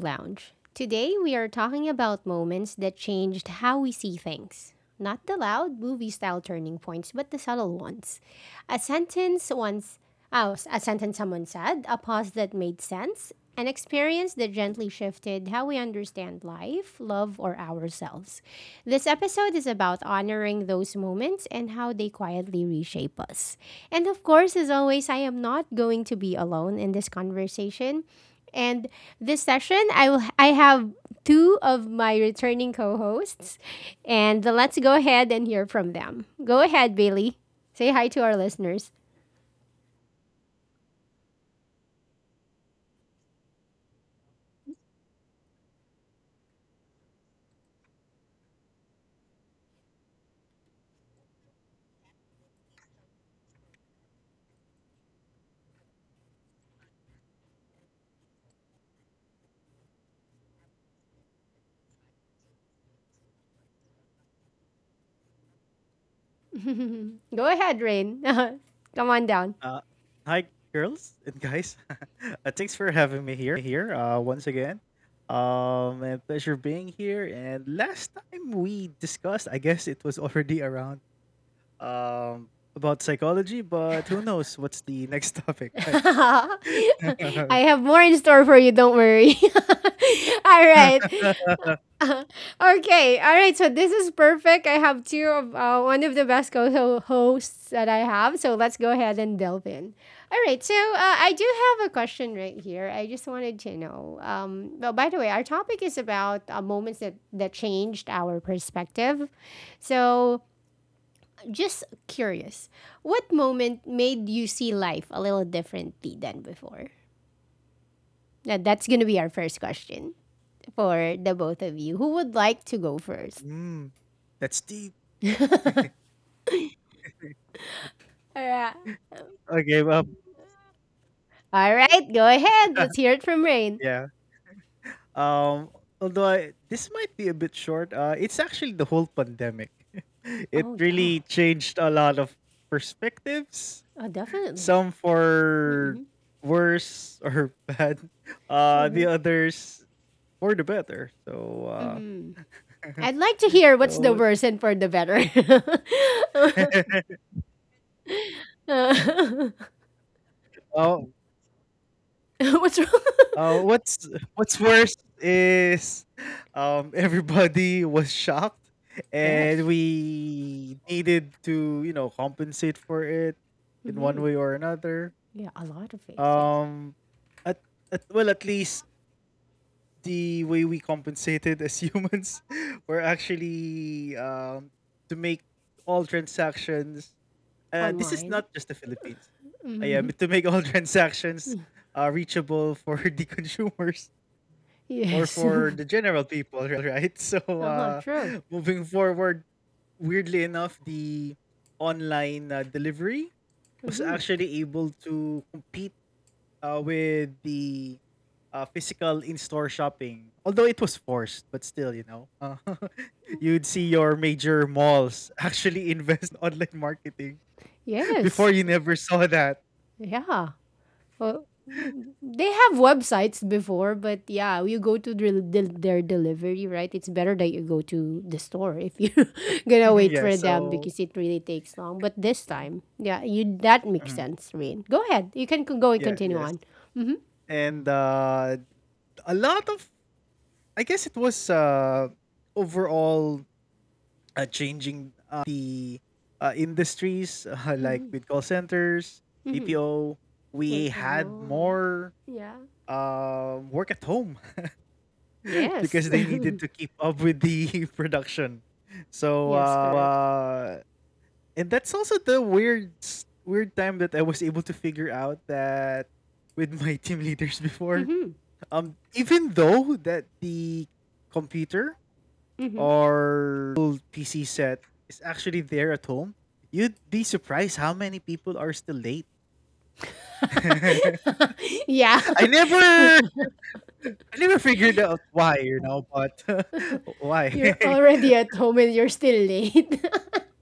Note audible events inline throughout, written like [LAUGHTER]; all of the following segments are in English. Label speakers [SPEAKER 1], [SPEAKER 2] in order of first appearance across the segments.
[SPEAKER 1] Lounge. Today we are talking about moments that changed how we see things. Not the loud movie style turning points, but the subtle ones. A sentence once, oh, a sentence someone said, a pause that made sense, an experience that gently shifted how we understand life, love, or ourselves. This episode is about honoring those moments and how they quietly reshape us. And of course, as always, I am not going to be alone in this conversation. And this session, I have two of my returning co-hosts, and let's go ahead and hear from them. Go ahead, Bailey. Say hi to our listeners. [LAUGHS] Go ahead, Rain. [LAUGHS] Come on down.
[SPEAKER 2] Uh, hi, girls and guys. [LAUGHS] Thanks for having me here, once again. A pleasure being here. And last time we discussed, I guess it was already around um about psychology, but who knows what's the next topic,
[SPEAKER 1] [LAUGHS]
[SPEAKER 2] right?
[SPEAKER 1] I
[SPEAKER 2] [LAUGHS]
[SPEAKER 1] have more in store for you, don't worry. [LAUGHS] All right. [LAUGHS] Okay, all right. So this is perfect. I have two of one of the best co hosts that I have. So let's go ahead and delve in. All right. So I do have a question right here. I just wanted to know. Well, by the way, our topic is about moments that changed our perspective. So just curious, what moment made you see life a little differently than before? Now, that's gonna be our first question for the both of you. Who would like to go first?
[SPEAKER 2] mm, that's deep.
[SPEAKER 1] All right.
[SPEAKER 2] Okay, well,
[SPEAKER 1] All right, go ahead. Let's
[SPEAKER 2] [LAUGHS]
[SPEAKER 1] hear it from Rain.
[SPEAKER 2] yeah. Um, this might be a bit short, it's actually the whole pandemic. [LAUGHS] It
[SPEAKER 1] Oh yeah,
[SPEAKER 2] really changed a lot of perspectives,
[SPEAKER 1] definitely.
[SPEAKER 2] some for
[SPEAKER 1] Mm-hmm.
[SPEAKER 2] worse or [LAUGHS] bad, the others for the better. So,
[SPEAKER 1] Mm-hmm.
[SPEAKER 2] uh,
[SPEAKER 1] I'd like
[SPEAKER 2] [LAUGHS]
[SPEAKER 1] to hear what's the
[SPEAKER 2] so,
[SPEAKER 1] worst and for the better.
[SPEAKER 2] [LAUGHS]
[SPEAKER 1] [LAUGHS]
[SPEAKER 2] oh,
[SPEAKER 1] What's wrong?
[SPEAKER 2] Uh, what's what's worse is [LAUGHS] everybody was shocked
[SPEAKER 1] [LAUGHS]
[SPEAKER 2] and
[SPEAKER 1] Yes.
[SPEAKER 2] we needed to compensate for it in one
[SPEAKER 1] Mm-hmm.
[SPEAKER 2] way or another,
[SPEAKER 1] Yeah, a lot of face. Yes,
[SPEAKER 2] um at, at least the way we compensated as humans [LAUGHS] were actually to make all transactions, this is
[SPEAKER 1] online.
[SPEAKER 2] not just the Philippines, yeah,
[SPEAKER 1] Mm-hmm.
[SPEAKER 2] to make all [LAUGHS] transactions reachable for [LAUGHS] the consumers or
[SPEAKER 1] Yes. [LAUGHS] Uh
[SPEAKER 2] for the general people, right? [LAUGHS] So,
[SPEAKER 1] huh. True.
[SPEAKER 2] moving forward, weirdly enough, the online delivery was
[SPEAKER 1] Mm-hmm.
[SPEAKER 2] actually able to compete with the physical in-store shopping. Although it was forced, but still, you know, [LAUGHS] you'd see your major malls [LAUGHS] actually invest in online marketing. [LAUGHS]
[SPEAKER 1] Yes.
[SPEAKER 2] Before you never saw that.
[SPEAKER 1] Yeah. Well, they have websites before, but yeah, you go to their delivery, right? It's better that you go to the store if you're [LAUGHS] gonna
[SPEAKER 2] [LAUGHS]
[SPEAKER 1] wait
[SPEAKER 2] Yeah.
[SPEAKER 1] for them
[SPEAKER 2] So
[SPEAKER 1] because it really takes long. But this time, yeah, you that makes
[SPEAKER 2] mhm,
[SPEAKER 1] sense, Rain. Go ahead, you can go and
[SPEAKER 2] yeah.
[SPEAKER 1] continue
[SPEAKER 2] Yes.
[SPEAKER 1] on.
[SPEAKER 2] And a lot of I guess it was overall changing the industries, [LAUGHS] like
[SPEAKER 1] Mm-hmm.
[SPEAKER 2] with call centers,
[SPEAKER 1] Mm-hmm.
[SPEAKER 2] BPO. We
[SPEAKER 1] Work from
[SPEAKER 2] had
[SPEAKER 1] home.
[SPEAKER 2] more
[SPEAKER 1] Yeah.
[SPEAKER 2] work at home [LAUGHS]
[SPEAKER 1] Yes.
[SPEAKER 2] because they needed to keep up with the [LAUGHS] production.
[SPEAKER 1] [LAUGHS]
[SPEAKER 2] So,
[SPEAKER 1] Yes. Correct.
[SPEAKER 2] and that's also the weird, weird time that I was able to figure out that with my [LAUGHS] team leaders before.
[SPEAKER 1] Mm-hmm.
[SPEAKER 2] Even though that the computer
[SPEAKER 1] Mm-hmm.
[SPEAKER 2] or the whole PC set is actually there at home, you'd be surprised how many people are still late. [LAUGHS] I
[SPEAKER 1] [LAUGHS] Yeah.
[SPEAKER 2] never I never figured out why, you know, but [LAUGHS]
[SPEAKER 1] [LAUGHS] You're
[SPEAKER 2] why?
[SPEAKER 1] already at
[SPEAKER 2] [LAUGHS]
[SPEAKER 1] home and you're still late.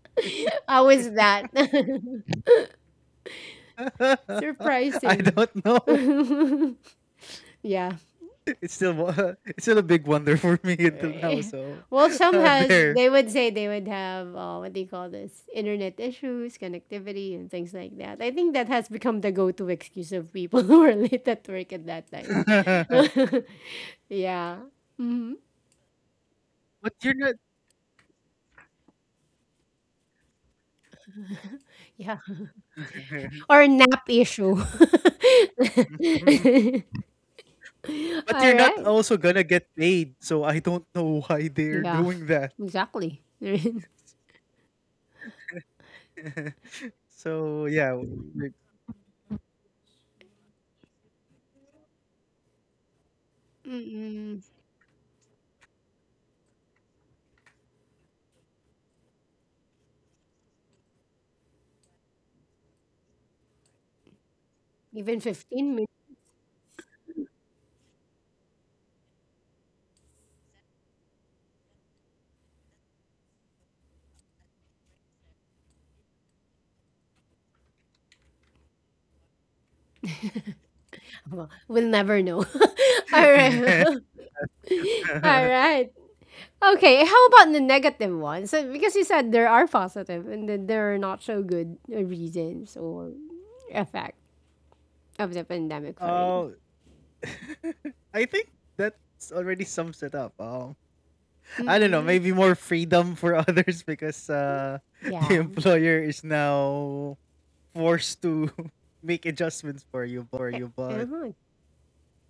[SPEAKER 1] [LAUGHS] How is that? [LAUGHS]
[SPEAKER 2] I
[SPEAKER 1] Surprising.
[SPEAKER 2] don't know.
[SPEAKER 1] [LAUGHS] Yeah.
[SPEAKER 2] It's still [LAUGHS] it's still a big wonder for me until now,
[SPEAKER 1] Eh,
[SPEAKER 2] so
[SPEAKER 1] well,
[SPEAKER 2] [LAUGHS]
[SPEAKER 1] some has
[SPEAKER 2] there.
[SPEAKER 1] they would say they would have what do you call this? Internet issues, connectivity, and things like that. I think that has become the go-to excuse of people [LAUGHS] who are late at work at that time.
[SPEAKER 2] [LAUGHS]
[SPEAKER 1] [LAUGHS] Yeah. Hmm.
[SPEAKER 2] but you're not
[SPEAKER 1] Yeah. Or nap issue. [LAUGHS]
[SPEAKER 2] [LAUGHS] But
[SPEAKER 1] All
[SPEAKER 2] you're not
[SPEAKER 1] right.
[SPEAKER 2] also gonna get paid, so I don't know why they're
[SPEAKER 1] Yeah.
[SPEAKER 2] doing that.
[SPEAKER 1] Exactly. [LAUGHS]
[SPEAKER 2] [LAUGHS] So yeah, like-
[SPEAKER 1] Mm-mm. Even 15. [LAUGHS] Well, we'll never know. [LAUGHS] All right.
[SPEAKER 2] [LAUGHS]
[SPEAKER 1] [LAUGHS] All right. Okay, how about the negative ones? So, because you said there are positive and then there are not so good reasons or effect of the pandemic for you.
[SPEAKER 2] uh, [LAUGHS] I think that's already sums it up. I don't know,
[SPEAKER 1] Mm-mm.
[SPEAKER 2] maybe more freedom for [LAUGHS] others because [LAUGHS] the
[SPEAKER 1] Yeah.
[SPEAKER 2] employer is now forced to [LAUGHS] make adjustments for
[SPEAKER 1] Eh,
[SPEAKER 2] you. But
[SPEAKER 1] uh-huh.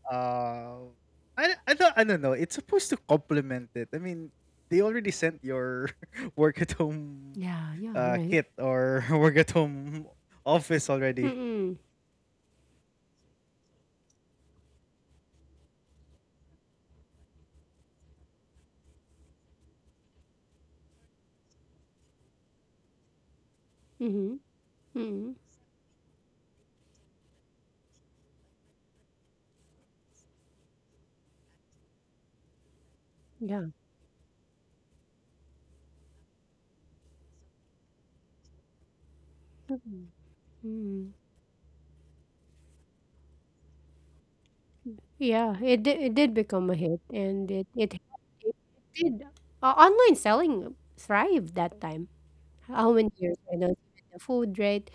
[SPEAKER 2] uh, I don't know. It's supposed to complement it. I mean, they already sent your [LAUGHS] work at home
[SPEAKER 1] Yeah, yeah, right.
[SPEAKER 2] kit or [LAUGHS] work at home office already.
[SPEAKER 1] Mm-mm. Mm-hmm. Mm-hmm. Yeah. Mm-hmm. Yeah, it did become a hit and it did. Online selling thrived that time. How many years I know the food, right?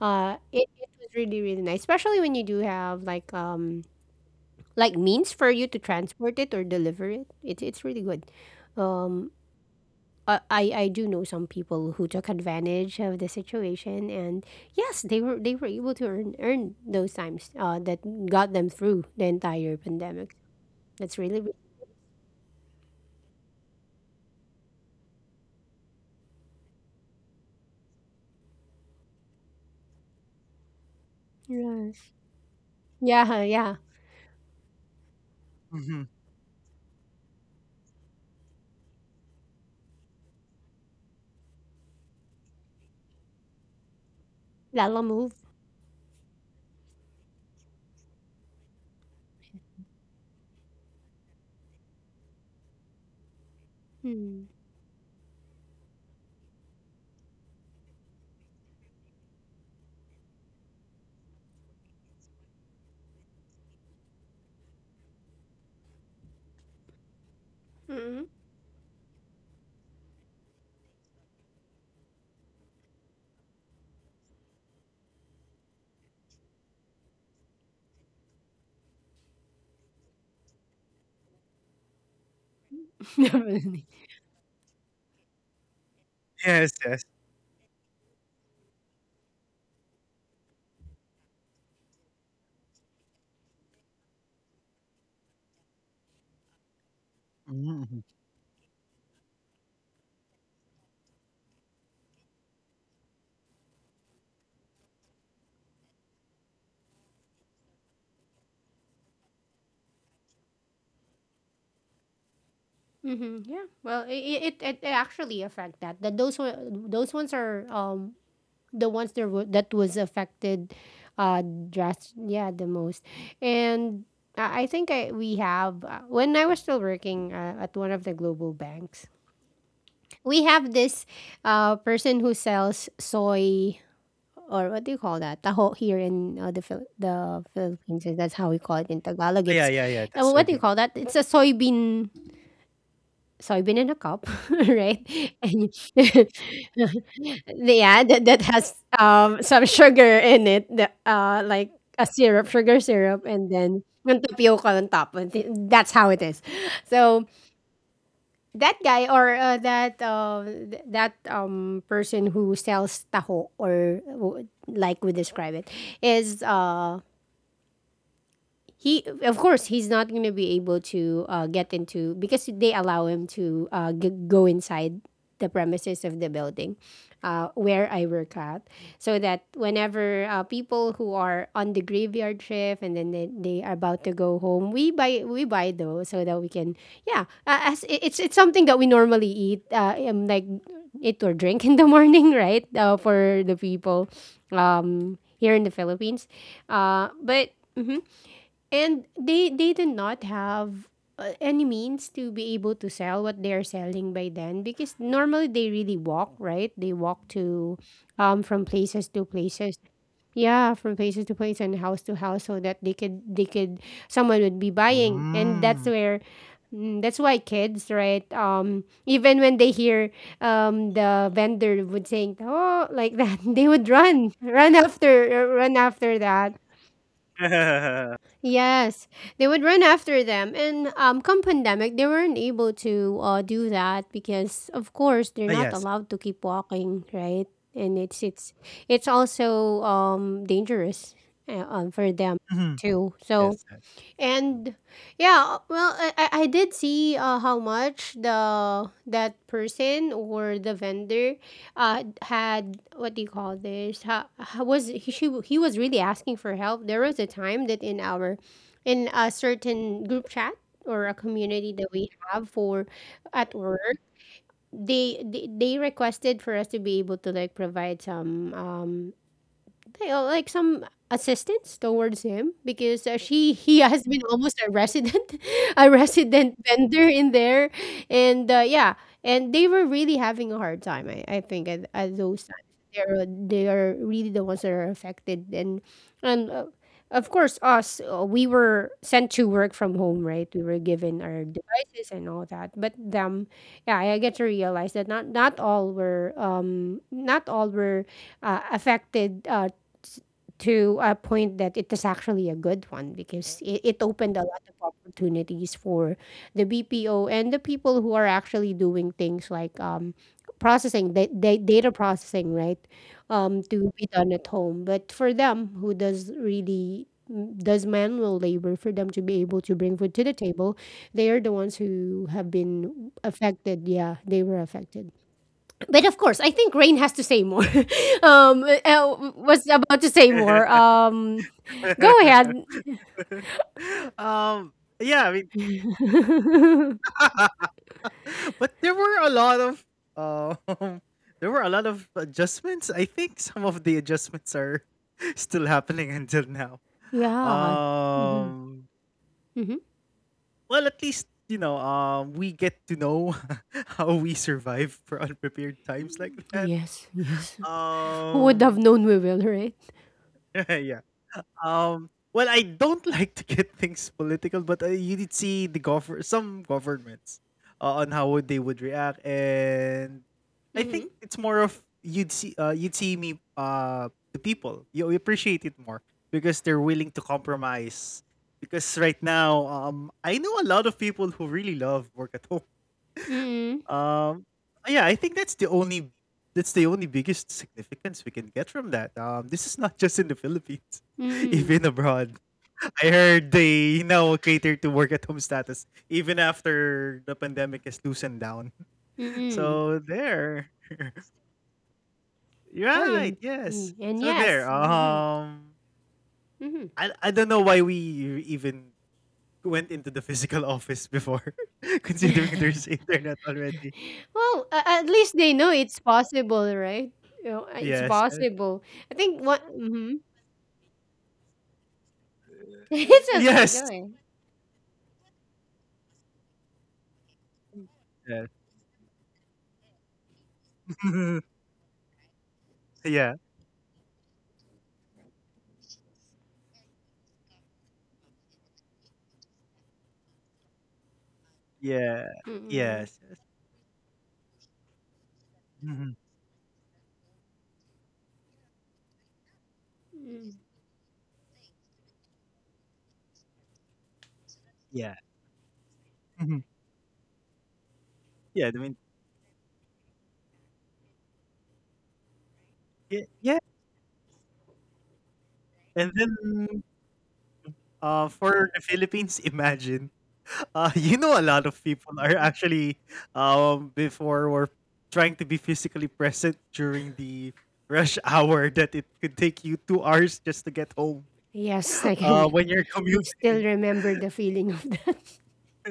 [SPEAKER 1] It was really nice, especially when you do have like means for you to transport it or deliver it. It's really good. Um, I do know some people who took advantage of the situation, and yes, they were able to earn those times that got them through the entire pandemic. That's yes, yeah, yeah,
[SPEAKER 2] Mhm.
[SPEAKER 1] that'll move. Mm. Mm. [LAUGHS]
[SPEAKER 2] Yes, yes. Mm, mhm.
[SPEAKER 1] Mm-hmm. Yeah. Well, it actually affect that. Those ones are the ones that were, that was affected, uh, dress yeah the most, and I we have when I was still working at one of the global banks, we have this, person who sells soy or what do you call that taho here in the Philippines. That's how we call it in Tagalog.
[SPEAKER 2] Yeah,
[SPEAKER 1] It's
[SPEAKER 2] yeah, yeah, that's
[SPEAKER 1] what do you
[SPEAKER 2] soybean.
[SPEAKER 1] call that? It's a soybean in a cup, [LAUGHS] right? And [LAUGHS] yeah, that has some sugar in it, the, like a syrup, sugar syrup, and then and tapioca on top. That's how it is. So that guy or that th- that person who sells taho or like we describe it is he of course he's not going to be able to get into because they allow him to go inside the premises of the building where I work at so that whenever people who are on the graveyard shift and then they are about to go home we buy those so that we can yeah as it- it's something that we normally eat like eat or drink [LAUGHS] in the morning right for the people here in the Philippines but and they did not have any means to be able to sell what they are selling by then because normally they really walk, right? They walk to from places to places. Yeah, from places to place and house to house so that they could someone would be buying. And that's
[SPEAKER 2] Mm.
[SPEAKER 1] where mm, that's why kids, right? Even when they hear the vendor would saying "oh" like that, [LAUGHS] they would run, run after, run after that.
[SPEAKER 2] [LAUGHS]
[SPEAKER 1] Yes, they would run after them, and come pandemic, they weren't able to do that because, of course, they're
[SPEAKER 2] Ah,
[SPEAKER 1] not
[SPEAKER 2] yes.
[SPEAKER 1] allowed to keep walking, right? And it's also dangerous for them
[SPEAKER 2] Mhm.
[SPEAKER 1] too. So
[SPEAKER 2] Yes, yes.
[SPEAKER 1] and yeah, well, I did see how much the that person or the vendor had what do you call this? How was he? She, he was really asking for help. There was a time that in our in a certain group chat or a community that we have for at work, they requested for us to be able to like provide some they are like some assistance towards him because she he [LAUGHS] has been almost a resident [LAUGHS] a resident vendor in there and yeah and they were really having a hard time I think at those times they're they are really the ones that are affected and of course us we were sent to work from home right we were given our devices and all that but them yeah I get to realize that not all were not all were affected to a point that it is actually a good one because it opened a lot of opportunities for the BPO and the people who are actually doing things like processing, data processing, right? To be done at home. But for them who does really mm, does manual labor for them to be able to bring food to the table they are the ones who have been affected yeah they were affected but of course, I think Rain has to say more. [LAUGHS] Was about to say more. Go ahead.
[SPEAKER 2] [LAUGHS] Um, yeah, I mean,
[SPEAKER 1] [LAUGHS]
[SPEAKER 2] [LAUGHS] but there were a lot of, um, [LAUGHS] there were a lot of adjustments. I think some of the adjustments are [LAUGHS] still happening until now.
[SPEAKER 1] Yeah. Hmm.
[SPEAKER 2] Um,
[SPEAKER 1] Hmm.
[SPEAKER 2] well, at least, you know, we get to know [LAUGHS] how we survive for unprepared times like that.
[SPEAKER 1] Yes. Yes. Who would have
[SPEAKER 2] Um
[SPEAKER 1] known we will, right?
[SPEAKER 2] [LAUGHS] yeah. Um. Well, I don't [LAUGHS] like to get things political, but you did see the govern some governments on how would they would react, and I think
[SPEAKER 1] Mm-hmm.
[SPEAKER 2] it's more of you'd see me the people you appreciate it more because they're willing to compromise. Because right now, I know a lot of people who really love work at home.
[SPEAKER 1] Mm-hmm.
[SPEAKER 2] Um, yeah, I think that's the only biggest significance we can get from that. This is not just in the Philippines, [LAUGHS]
[SPEAKER 1] Mm-hmm.
[SPEAKER 2] even abroad. I heard they now cater to work at home status even after the pandemic has loosened down. [LAUGHS]
[SPEAKER 1] Mm-hmm.
[SPEAKER 2] So there,
[SPEAKER 1] Oh yeah.
[SPEAKER 2] right? Yes.
[SPEAKER 1] Mm, and
[SPEAKER 2] So there.
[SPEAKER 1] yes. Mm-hmm. Mm-hmm.
[SPEAKER 2] I don't know why we even went into the physical office before, [LAUGHS] considering there's
[SPEAKER 1] [LAUGHS]
[SPEAKER 2] internet already.
[SPEAKER 1] Well, at least they know it's possible, right? You know, it's
[SPEAKER 2] Yes. Yes.
[SPEAKER 1] possible. I think what. Mm-hmm. [LAUGHS] It's okay.
[SPEAKER 2] Yes.
[SPEAKER 1] Go ahead.
[SPEAKER 2] Yes. [LAUGHS] Yeah, yeah,
[SPEAKER 1] Mm-mm.
[SPEAKER 2] yes, yes. Mhm, yeah, mhm, yeah, I mean, ye yeah, and then, for the Philippines, [LAUGHS] imagine, you know, a lot of people are actually, before were trying to be physically present during the rush [LAUGHS] hour that it could take you 2 hours just to get home,
[SPEAKER 1] Yes, I
[SPEAKER 2] [LAUGHS]
[SPEAKER 1] can
[SPEAKER 2] when you're
[SPEAKER 1] [LAUGHS] still
[SPEAKER 2] commuting.
[SPEAKER 1] remember the feeling of that. [LAUGHS]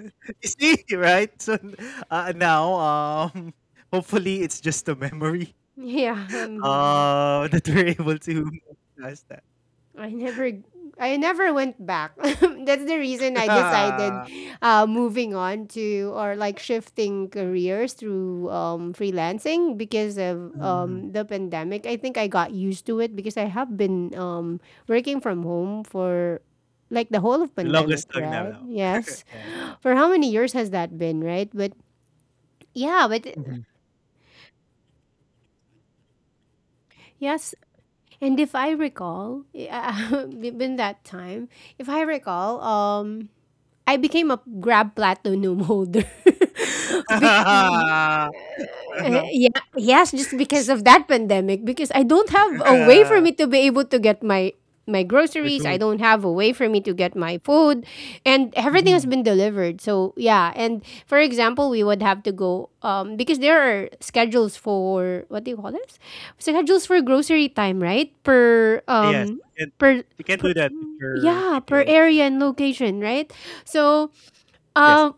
[SPEAKER 2] [LAUGHS] You see, right? So, now, um, [LAUGHS] hopefully it's just a memory,
[SPEAKER 1] Yeah,
[SPEAKER 2] [LAUGHS] that we're able to [LAUGHS] move past that.
[SPEAKER 1] I never, I never went back. [LAUGHS] That's the reason I decided,
[SPEAKER 2] Ah.
[SPEAKER 1] moving on to or like shifting careers through freelancing because of
[SPEAKER 2] Mhm, mhm.
[SPEAKER 1] the pandemic. I think I got used to it because I have been working from home for like the whole of
[SPEAKER 2] The
[SPEAKER 1] pandemic,
[SPEAKER 2] longest tongue
[SPEAKER 1] right?
[SPEAKER 2] now. [LAUGHS]
[SPEAKER 1] Yes.
[SPEAKER 2] Yes.
[SPEAKER 1] [GASPS] For how many years has that been, right? But yeah, but
[SPEAKER 2] Mhm.
[SPEAKER 1] yes, and if I recall, [LAUGHS] in that time, if I recall, I became a Grab Platinum holder. [LAUGHS] Bec-
[SPEAKER 2] [LAUGHS] Ano,
[SPEAKER 1] yeah, yes, just because
[SPEAKER 2] is
[SPEAKER 1] of that pandemic, because I don't have a way for
[SPEAKER 2] [LAUGHS]
[SPEAKER 1] me to be able to get my my
[SPEAKER 2] my
[SPEAKER 1] groceries. I
[SPEAKER 2] food.
[SPEAKER 1] don't have a way for me to get my food, and everything has
[SPEAKER 2] Mhm.
[SPEAKER 1] been delivered. So yeah, and for example, we would have to go because there are schedules for what do you call this? Schedules for grocery time, right?
[SPEAKER 2] Ah, yes,
[SPEAKER 1] Per.
[SPEAKER 2] you can
[SPEAKER 1] Per
[SPEAKER 2] do that if you're
[SPEAKER 1] yeah, per
[SPEAKER 2] BPO or
[SPEAKER 1] area and location, right? So,
[SPEAKER 2] yes,
[SPEAKER 1] um,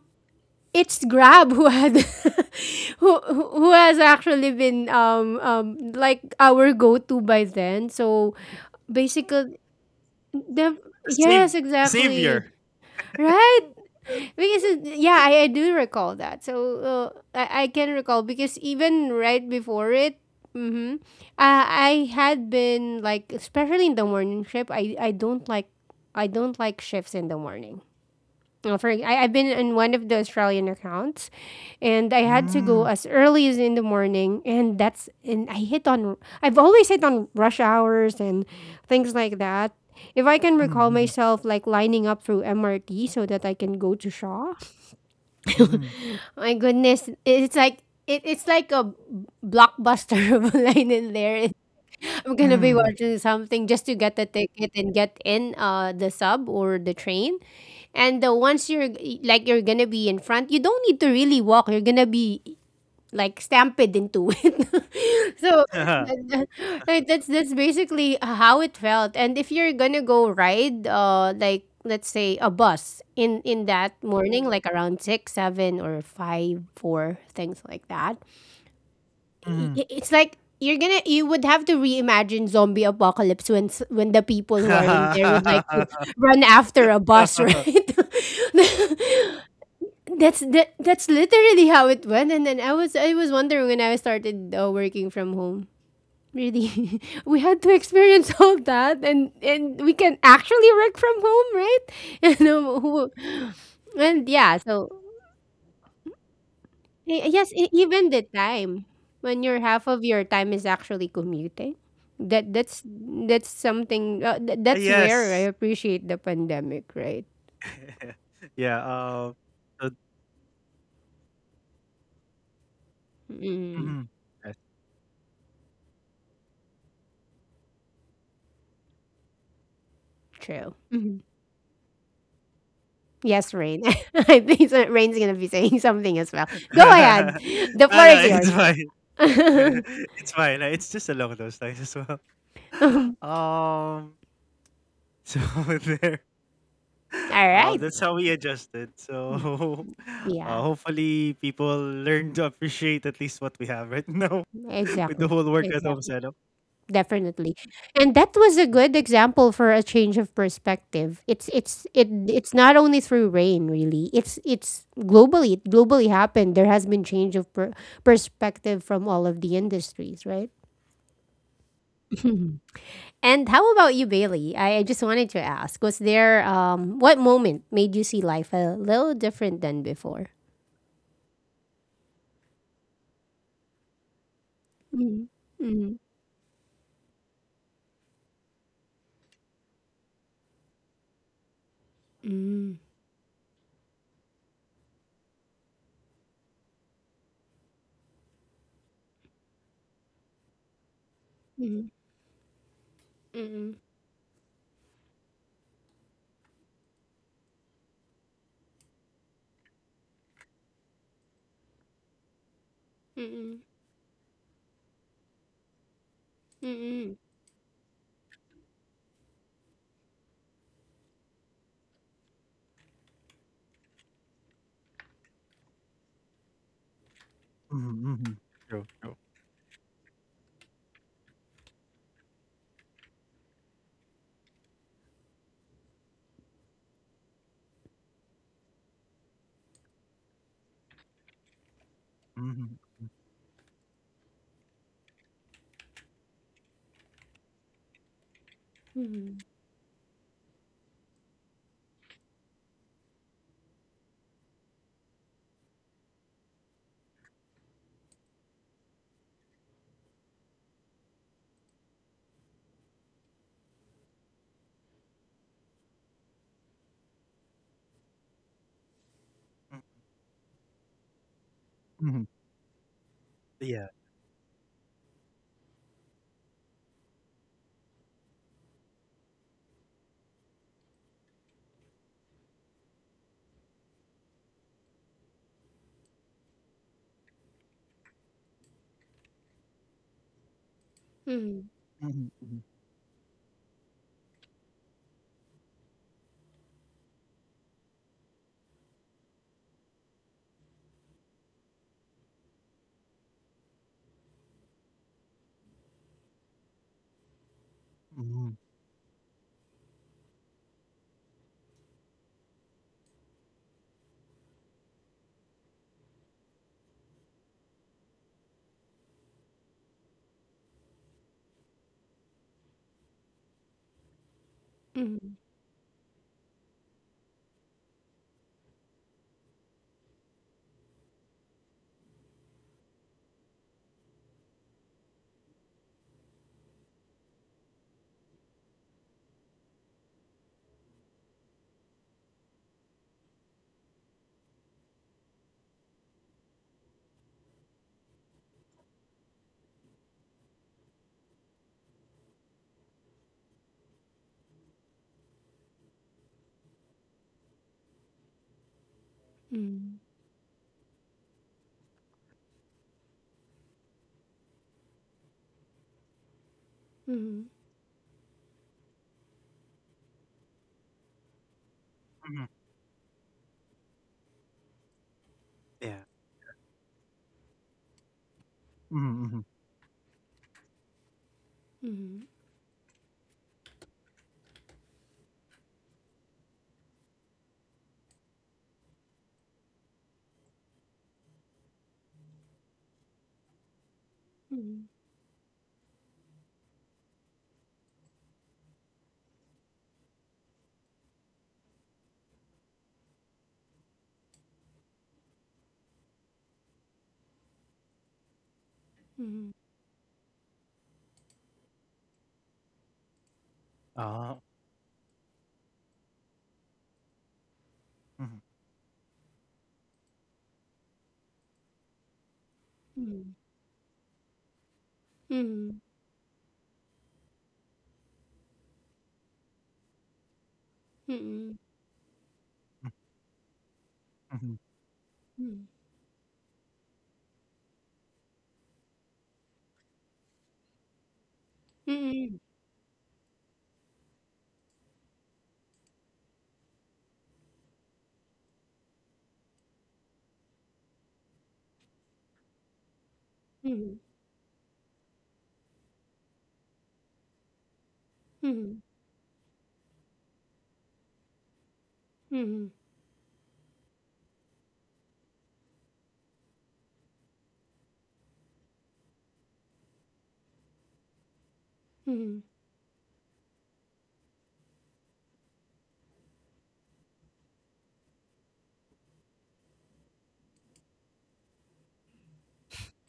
[SPEAKER 1] it's Grab who had [LAUGHS] who has actually been like our go-to by then. So basically the
[SPEAKER 2] the sav
[SPEAKER 1] yes,
[SPEAKER 2] the
[SPEAKER 1] exactly.
[SPEAKER 2] savior.
[SPEAKER 1] Right? Because it, yeah, I do recall that. So I can recall because even right before it mm-hmm. I had been like, especially in the morning shift. I don't like, I don't like shifts in the morning. Well, I've been on one of the Australian accounts, and I had to go
[SPEAKER 2] Hmm.
[SPEAKER 1] as early as in the morning, and that's and I hit on I've always hit on rush hours and things like that. If I can recall
[SPEAKER 2] Mhm,
[SPEAKER 1] myself like lining up through MRT so that I can go to Shaw,
[SPEAKER 2] mhm, mhm,
[SPEAKER 1] my goodness, it's like it's like a blockbuster [LAUGHS] of a line in there. I'm gonna be
[SPEAKER 2] mhm,
[SPEAKER 1] watching something just to get the ticket and get in the sub or the train. And the once you're gonna be in front, you don't need to really walk. You're gonna be like stamped into [LAUGHS] it. So
[SPEAKER 2] mhm,
[SPEAKER 1] uh, right, that's basically how it felt. And if you're gonna go ride like let's say a bus in that morning like around six seven or five four things like that
[SPEAKER 2] mhm.
[SPEAKER 1] it's like you would have to reimagine zombie apocalypse when the people who are in there would like to
[SPEAKER 2] [LAUGHS]
[SPEAKER 1] run after a bus, right? [LAUGHS] That's literally how it went. And then I was wondering when I started working from home. Really, [LAUGHS] we had to experience [LAUGHS] all that, and we can actually work from home, right? [LAUGHS] And um, who- and yeah, so yes, e even the time, when your half of your time is actually commuting, that that's that's something,
[SPEAKER 2] Ah,
[SPEAKER 1] that's where I
[SPEAKER 2] yes.
[SPEAKER 1] appreciate the pandemic, right?
[SPEAKER 2] [LAUGHS] Yeah, so
[SPEAKER 1] Mm,
[SPEAKER 2] mhm. Yes.
[SPEAKER 1] true. Mhm. Yes, Rain. [LAUGHS] I think so Rain's gonna be saying [LAUGHS] something as well. Go ahead.
[SPEAKER 2] [LAUGHS]
[SPEAKER 1] The
[SPEAKER 2] No,
[SPEAKER 1] floor
[SPEAKER 2] no,
[SPEAKER 1] is yours.
[SPEAKER 2] it's fine. [LAUGHS]
[SPEAKER 1] [LAUGHS]
[SPEAKER 2] It's fine, it's just along those lines as well.
[SPEAKER 1] Um,
[SPEAKER 2] [LAUGHS] Um, so [LAUGHS] there,
[SPEAKER 1] all right.
[SPEAKER 2] that's how we adjusted.
[SPEAKER 1] Mm,
[SPEAKER 2] So, [LAUGHS]
[SPEAKER 1] yeah,
[SPEAKER 2] hopefully, people learn to appreciate at least what we have right now [LAUGHS] with the
[SPEAKER 1] exactly.
[SPEAKER 2] whole work at home
[SPEAKER 1] Exactly.
[SPEAKER 2] setup.
[SPEAKER 1] Definitely. And that was a good example for a change of perspective. It's not only through Rain really. It's globally happened. There has been change of perspective from all of the industries, right? [LAUGHS] And how about you, Bailey? I just wanted to ask, was there what moment made you see life a little different than before? Mm, mm, mm, mm, mm, mm, mm, mm, mm, mm,
[SPEAKER 2] Mm-hmm, mm-hmm. True, true. Mm-hmm, mm-hmm,
[SPEAKER 1] mm,
[SPEAKER 2] mm-hmm. Yeah.
[SPEAKER 1] mm,
[SPEAKER 2] Mm-hmm, mm-hmm,
[SPEAKER 1] mm, mm, mm,
[SPEAKER 2] mm-hmm. Yeah. Mm-hmm.
[SPEAKER 1] mm, mhm,
[SPEAKER 2] Uh, mm-hmm,
[SPEAKER 1] mhm, mhm, mhm,
[SPEAKER 2] mm-hmm,
[SPEAKER 1] mhm, mhm, mhm, mhm, mhm, mhm,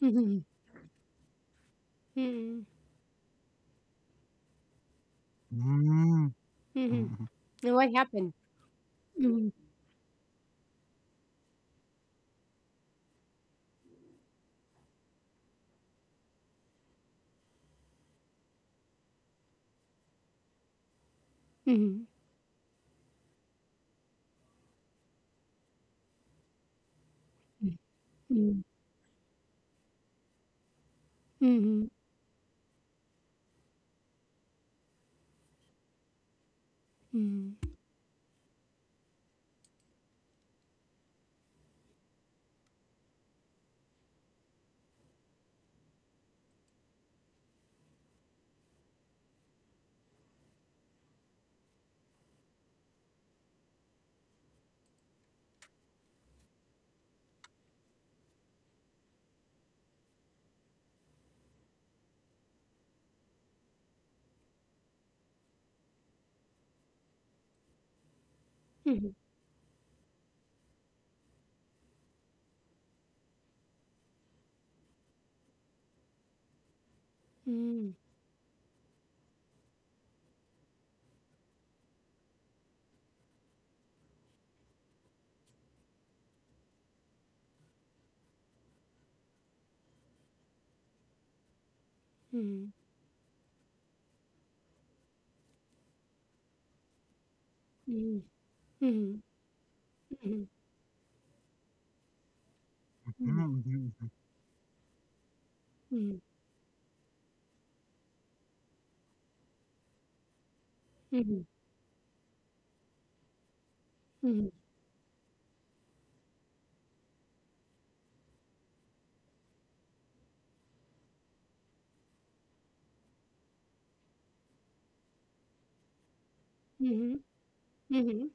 [SPEAKER 1] mhm, mhm, mhm.
[SPEAKER 2] mm-hmm,
[SPEAKER 1] And what happened? Mhm, mhm, mhm, mhm, mhm, mhm, mhm, mhm, mhm, mhm, mhm, mhm, mhm, mhm, mhm,
[SPEAKER 2] mm-hmm, mm-hmm.
[SPEAKER 1] mhm, mhm,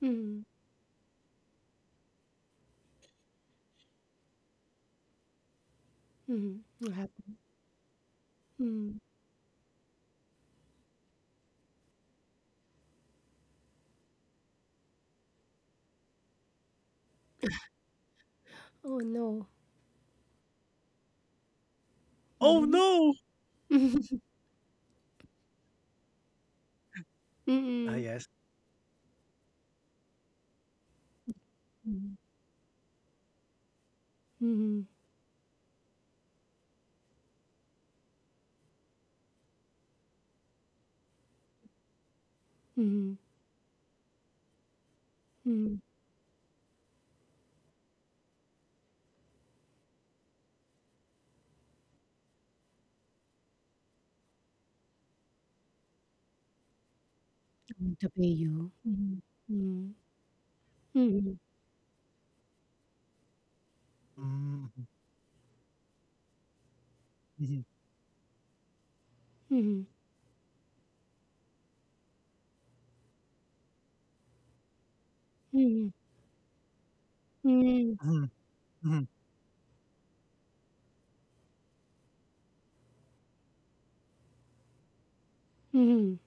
[SPEAKER 1] mhm, mhm. What happened? Mm. Oh no.
[SPEAKER 2] Oh
[SPEAKER 1] Mhm.
[SPEAKER 2] no!
[SPEAKER 1] [LAUGHS]
[SPEAKER 2] Ah,
[SPEAKER 1] Mm-mm.
[SPEAKER 2] yes.
[SPEAKER 1] Mhm, mhm, mhm, mhm. I want to pay you. Mhm, mhm,
[SPEAKER 2] Mm, mhm,
[SPEAKER 1] mhm, mhm. Mhm.
[SPEAKER 2] mhm, mhm,
[SPEAKER 1] Mhm.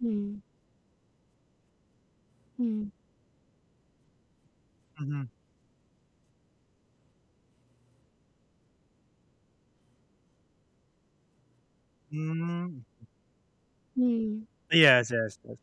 [SPEAKER 1] Mhm. Mhm. Mhm.
[SPEAKER 2] mhm, mhm, mm. Yes, yes, yes.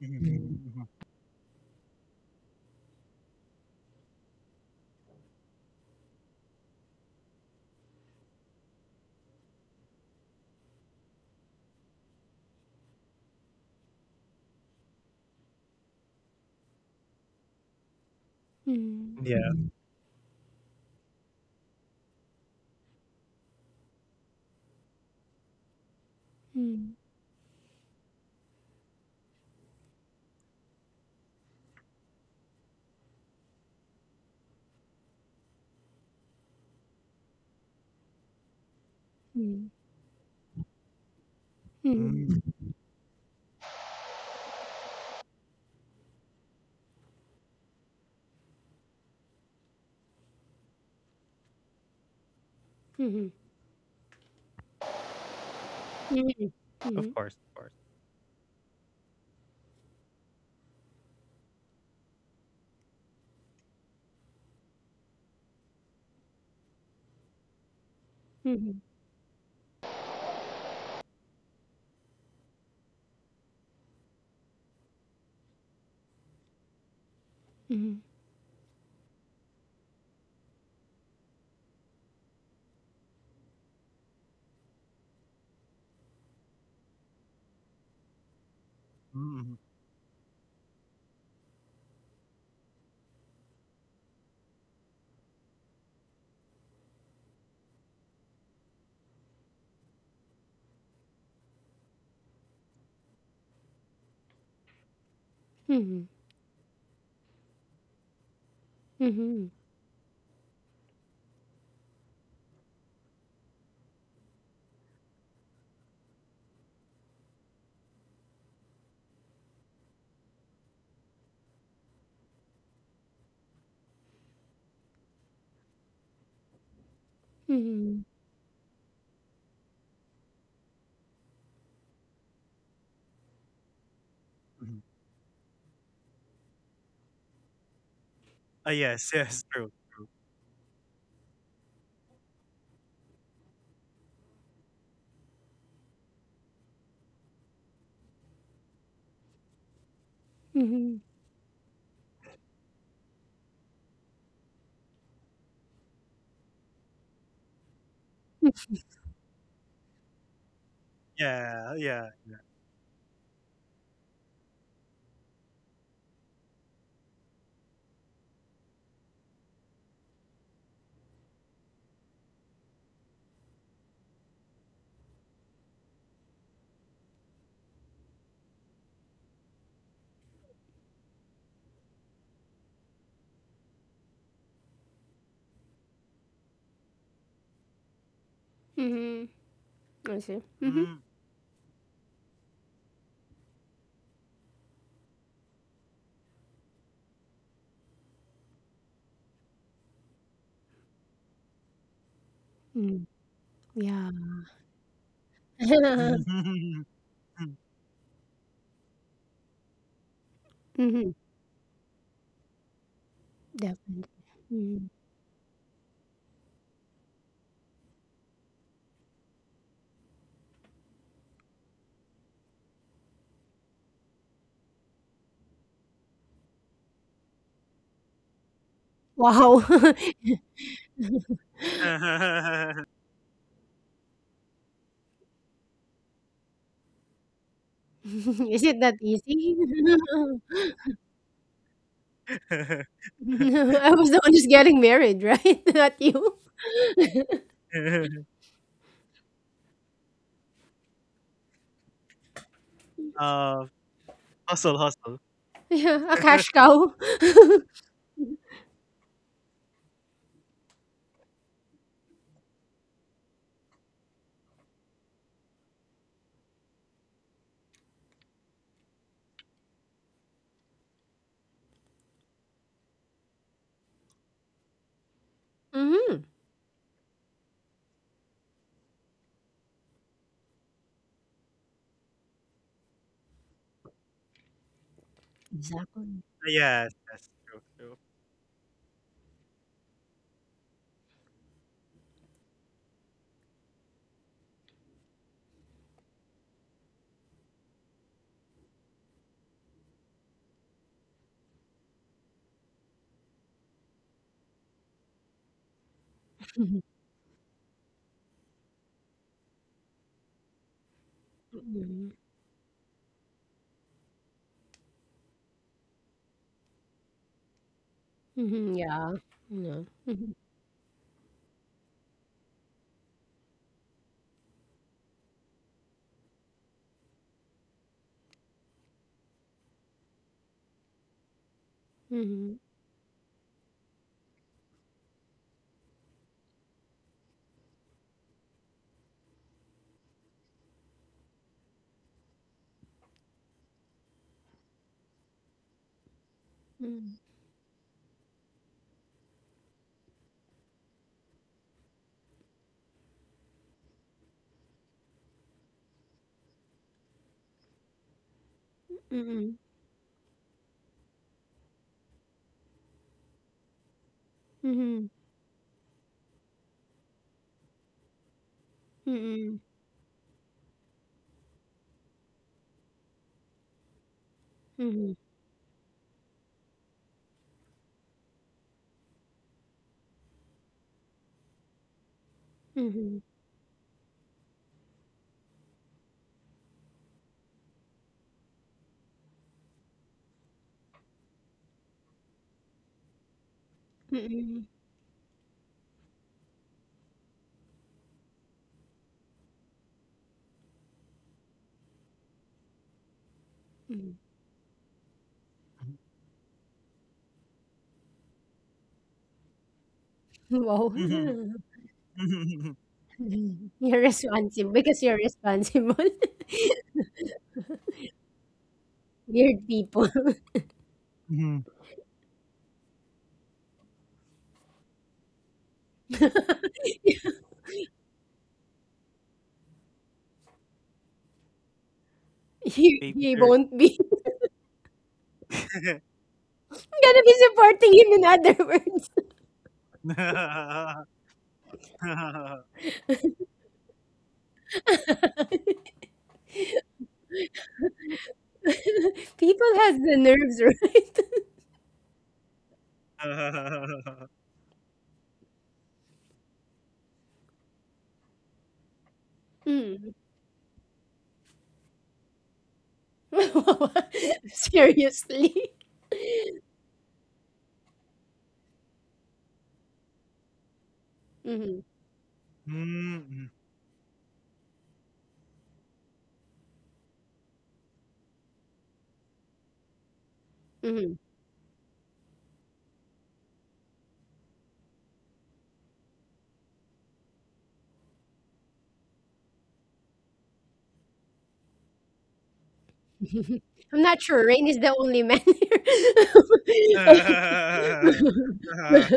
[SPEAKER 2] Mhm, mhm, mhm.
[SPEAKER 1] Mhm.
[SPEAKER 2] Yeah.
[SPEAKER 1] Mhm. Mhm.
[SPEAKER 2] Mm.
[SPEAKER 1] Mhm.
[SPEAKER 2] Of
[SPEAKER 1] Mhm.
[SPEAKER 2] course, of course.
[SPEAKER 1] Mhm. Mhm. Mhm.
[SPEAKER 2] Mm, mhm,
[SPEAKER 1] Mhm. Mhm. Mhm. Mhm. Mhm.
[SPEAKER 2] mhm. Yes, yes, true.
[SPEAKER 1] Mhm.
[SPEAKER 2] Yeah, yeah.
[SPEAKER 1] Mhm. I see. Mhm.
[SPEAKER 2] Mm.
[SPEAKER 1] Mm, yeah. [LAUGHS] Mhm. Definitely. Mm. Wow! [LAUGHS]
[SPEAKER 2] [LAUGHS]
[SPEAKER 1] Is it that easy? [LAUGHS] I was the one who's getting married, right? [LAUGHS] Not you.
[SPEAKER 2] uh, Hustle, hustle.
[SPEAKER 1] Yeah, a cash
[SPEAKER 2] [LAUGHS]
[SPEAKER 1] cow. [LAUGHS] Mhm. Exactly.
[SPEAKER 2] Yes, yes, true, true.
[SPEAKER 1] Mhm. Mhm, yeah. No. Mhm. Mhm. Mhm. Mhm. Mhm. Mhm. Mhm. Mhm. Mhm. Mhm. Wow.
[SPEAKER 2] Mhm.
[SPEAKER 1] [LAUGHS]
[SPEAKER 2] Mhm.
[SPEAKER 1] You're responsible because you're responsible. [LAUGHS] Weird people.
[SPEAKER 2] [LAUGHS]
[SPEAKER 1] [LAUGHS] He,
[SPEAKER 2] Baby
[SPEAKER 1] he
[SPEAKER 2] Dirk.
[SPEAKER 1] won't be. [LAUGHS] I'm gonna be supporting him, in other words.
[SPEAKER 2] [LAUGHS] [LAUGHS]
[SPEAKER 1] [LAUGHS] People has the nerves, right? [LAUGHS] Mm. [LAUGHS] Seriously. Mm-hmm.
[SPEAKER 2] Mm.
[SPEAKER 1] Mm-hmm. [LAUGHS] I'm not sure. Rain is the only man here.
[SPEAKER 2] [LAUGHS]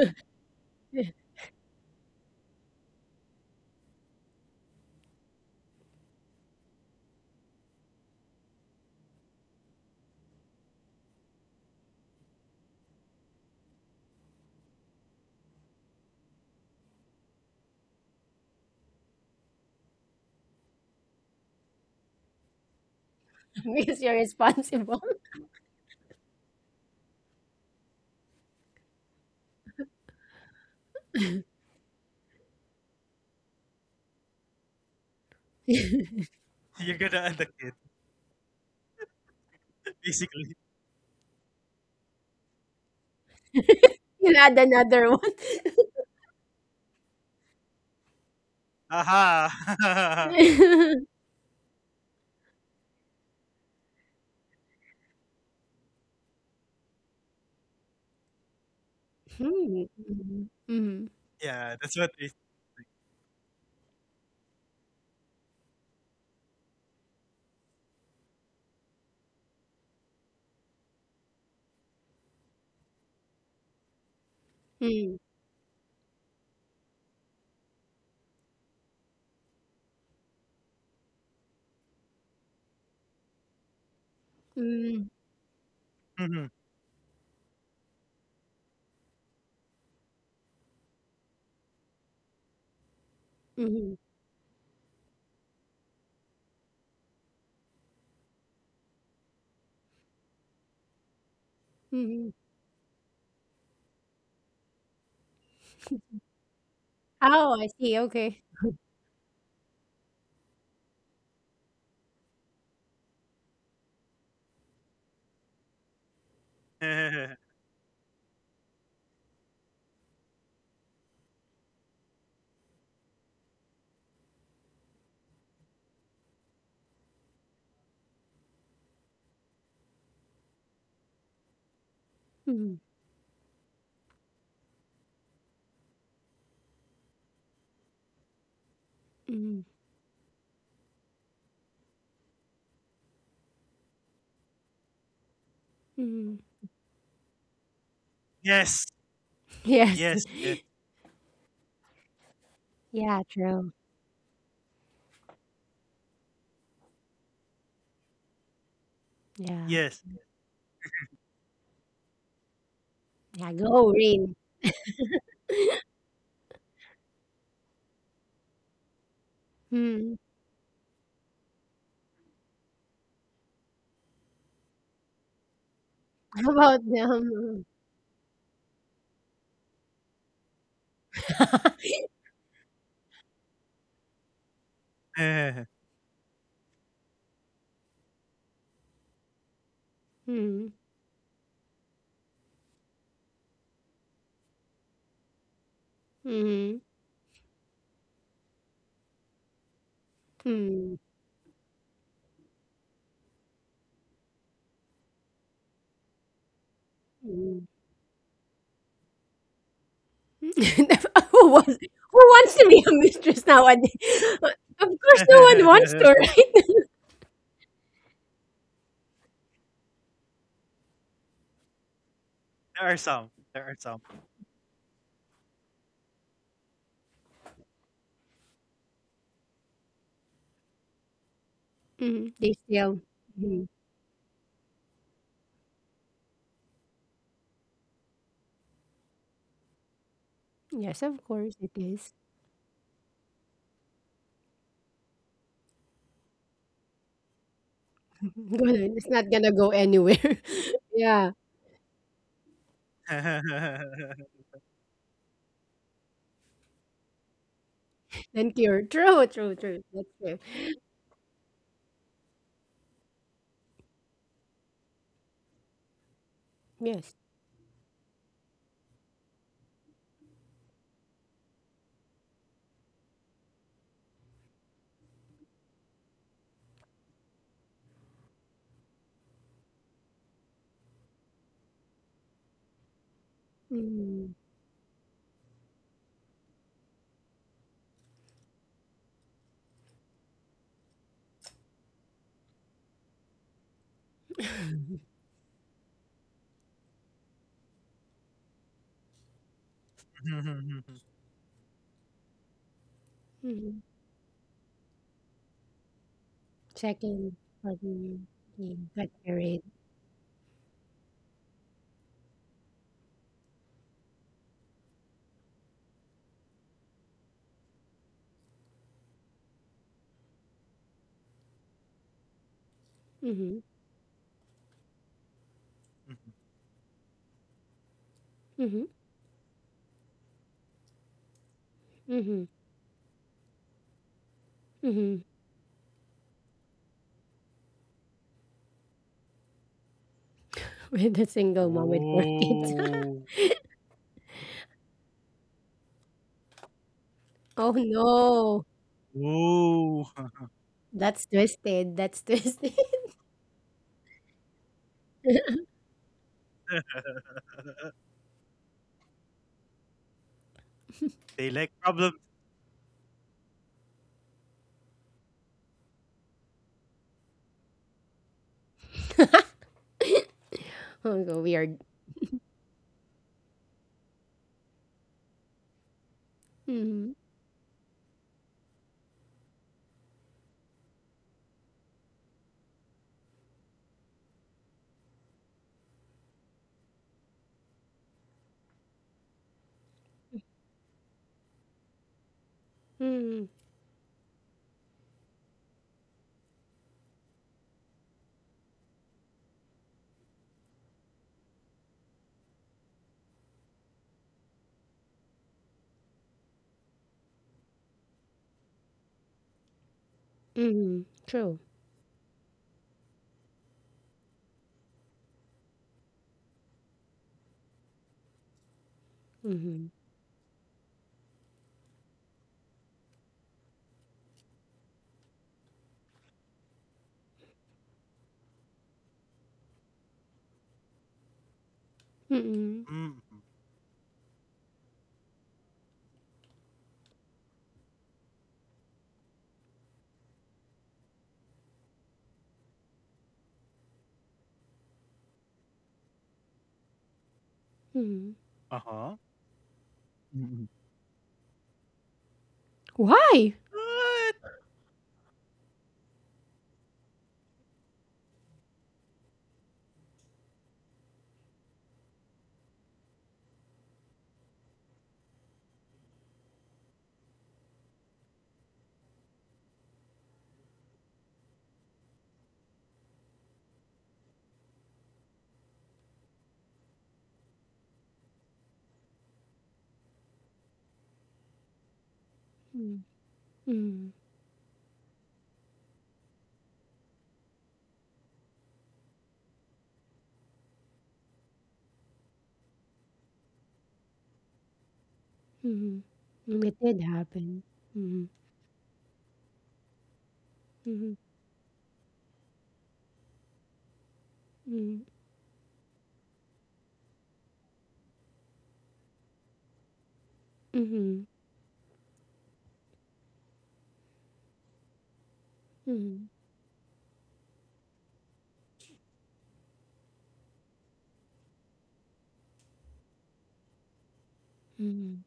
[SPEAKER 1] [LAUGHS] Because you're responsible.
[SPEAKER 2] You're gonna end the kid, basically.
[SPEAKER 1] [LAUGHS] You'll add another one.
[SPEAKER 2] Aha! [LAUGHS]
[SPEAKER 1] [LAUGHS] Hmm. Mhm.
[SPEAKER 2] Yeah, that's what it is.
[SPEAKER 1] Mhm. Mhm. Mhm. Mhm. Oh, I see. Okay.
[SPEAKER 2] [LAUGHS]
[SPEAKER 1] Mhm. Mhm. Mhm.
[SPEAKER 2] Yes,
[SPEAKER 1] Yes.
[SPEAKER 2] yes, yes,
[SPEAKER 1] Yeah, true. Yeah.
[SPEAKER 2] yes.
[SPEAKER 1] Yeah, go, Rain. Hmm. How about them? Hmm. Hmm. Hmm. Hmm. Hmm. [LAUGHS] Who wants to be a mistress nowadays? [LAUGHS] Of course, no one wants to.
[SPEAKER 2] [LAUGHS] There
[SPEAKER 1] Right?
[SPEAKER 2] are some. There are some.
[SPEAKER 1] Mm, they still. Mhm. Yes, of course it is. [LAUGHS] It's not gonna go anywhere. [LAUGHS] yeah,
[SPEAKER 2] [LAUGHS]
[SPEAKER 1] and cure. True, true, true. That's true. Yes. Mm-hmm. Mm-hmm. Second partner being got married. Mm-hmm. Mm-hmm. Mm-hmm. Mm-hmm. [LAUGHS] With a single mom with four kids. [LAUGHS]
[SPEAKER 2] Oh,
[SPEAKER 1] Oh no,
[SPEAKER 2] oh! [LAUGHS]
[SPEAKER 1] that's twisted. That's twisted. [LAUGHS]
[SPEAKER 2] They like problems.
[SPEAKER 1] Oh, no, we are. Mhm. Mhm. Mhm. True. Mhm. Mm.
[SPEAKER 2] Mm.
[SPEAKER 1] Mhm.
[SPEAKER 2] Uh huh.
[SPEAKER 1] Why?
[SPEAKER 2] What?
[SPEAKER 1] Mm. Mhm. Mhm. Mm, it did happen. Mhm. Mhm. Mhm. Mhm. Mhm. Mhm.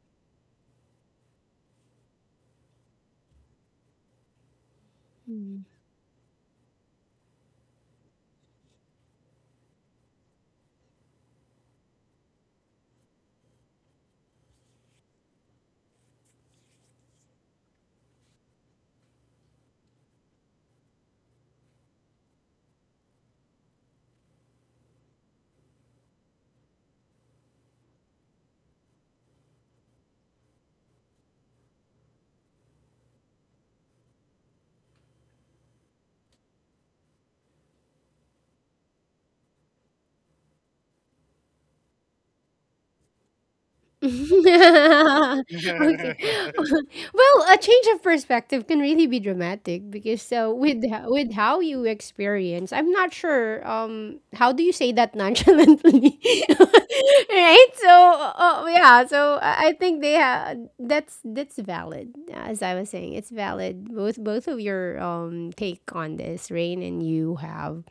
[SPEAKER 1] Mhm. [LAUGHS] Okay. [LAUGHS]
[SPEAKER 2] [LAUGHS]
[SPEAKER 1] Well, a change of perspective can really be dramatic because so with with how you experience, I'm not sure. How do you say that nonchalantly? [LAUGHS] right. So, yeah. So I think that's valid. As I was saying, it's valid. Both of your take on this, Rain, and you have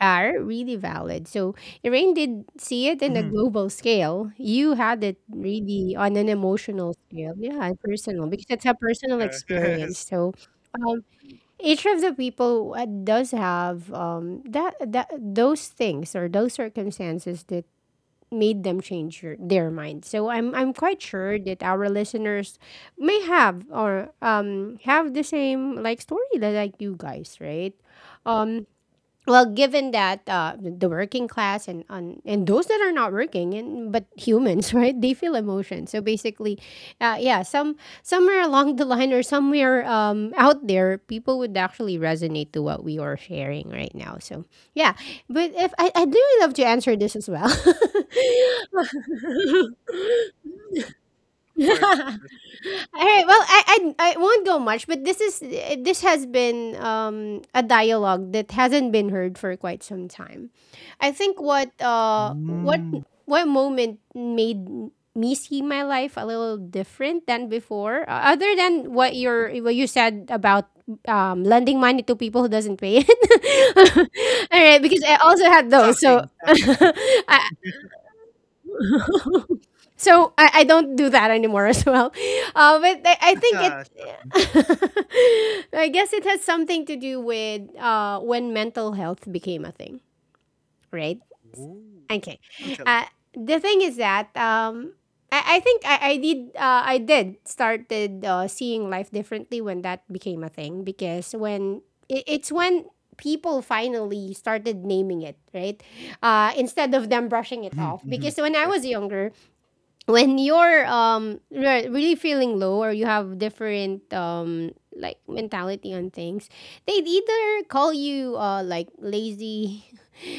[SPEAKER 1] are really valid. So Rain did see it in a
[SPEAKER 2] Mhm.
[SPEAKER 1] global scale. You had it really on an emotional scale. Yeah, and personal because it's a personal
[SPEAKER 2] Yeah. [LAUGHS]
[SPEAKER 1] experience.
[SPEAKER 2] Yes.
[SPEAKER 1] So um, each of the people does have that that those things or those circumstances that made them change their mind. So I'm quite sure that our listeners may have or have the same like story that like you guys, right? Um. Well, given that the working class and those that are not working and but humans, [LAUGHS] right? They feel emotion. So basically, yeah, somewhere along the line or somewhere out there, people would actually resonate to what we are sharing right now. So yeah, but if I do love to answer this as well, [LAUGHS]
[SPEAKER 2] Of course, of course.
[SPEAKER 1] all right. Well, I won't go much, but this has been a dialogue that hasn't been heard for quite some time. I think what uh what
[SPEAKER 2] Mm.
[SPEAKER 1] what moment made me see my life a little different than before, other than what you said about lending money to people who doesn't pay it. [LAUGHS] All right, because I also had those. So
[SPEAKER 2] Shocking,
[SPEAKER 1] [LAUGHS]
[SPEAKER 2] shocking.
[SPEAKER 1] I,
[SPEAKER 2] [LAUGHS]
[SPEAKER 1] so I, I don't do that anymore as well. But I think it.
[SPEAKER 2] Ah, shocking.
[SPEAKER 1] [LAUGHS] I guess it has something to do with when mental health became a thing, right?
[SPEAKER 2] Ooh.
[SPEAKER 1] Okay.
[SPEAKER 2] You tell.
[SPEAKER 1] Uh, the thing is that I think I did started seeing life differently when that became a thing, because when it, it's when people finally started naming it, right, instead of them brushing it
[SPEAKER 2] Mhm,
[SPEAKER 1] off, because
[SPEAKER 2] mhm.
[SPEAKER 1] when I was
[SPEAKER 2] Yes.
[SPEAKER 1] younger, when you're really feeling low or you have different like mentality on things, they'd either call you like lazy, [LAUGHS]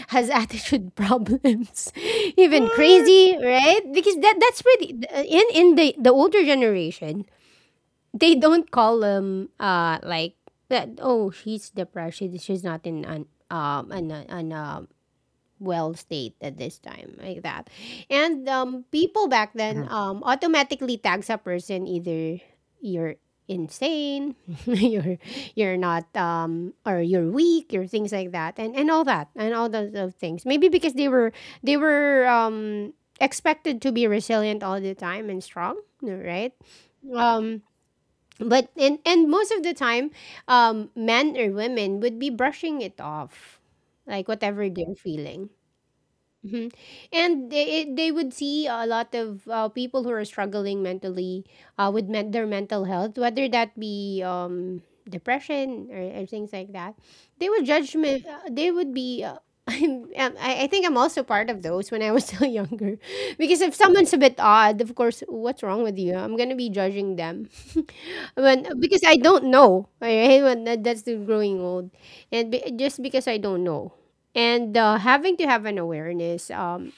[SPEAKER 1] has attitude problems, [LAUGHS] even
[SPEAKER 2] What?
[SPEAKER 1] crazy, right, because that's pretty in the older generation. They don't call them like that. Oh, she's depressed. She's not in an well state at this time, like that. And people back then
[SPEAKER 2] Mhm,
[SPEAKER 1] automatically tags a person, either you're insane, [LAUGHS] you're you're not or you're weak or things like that, and all that and all those of things, maybe because they were expected to be resilient all the time and strong, right, um but and most of the time, men or women would be brushing it off like whatever they're feeling. Mhm. And they would see a lot of people who are struggling mentally with their mental health, whether that be depression, or things like that. They would judge me. They would be. [LAUGHS] I think I'm also part of those when I was still [LAUGHS] younger, because if someone's a bit odd, of course, what's wrong with you? I'm gonna be judging them, [LAUGHS] when because I don't know. All right, that's the growing old, just because I don't know and having to have an awareness,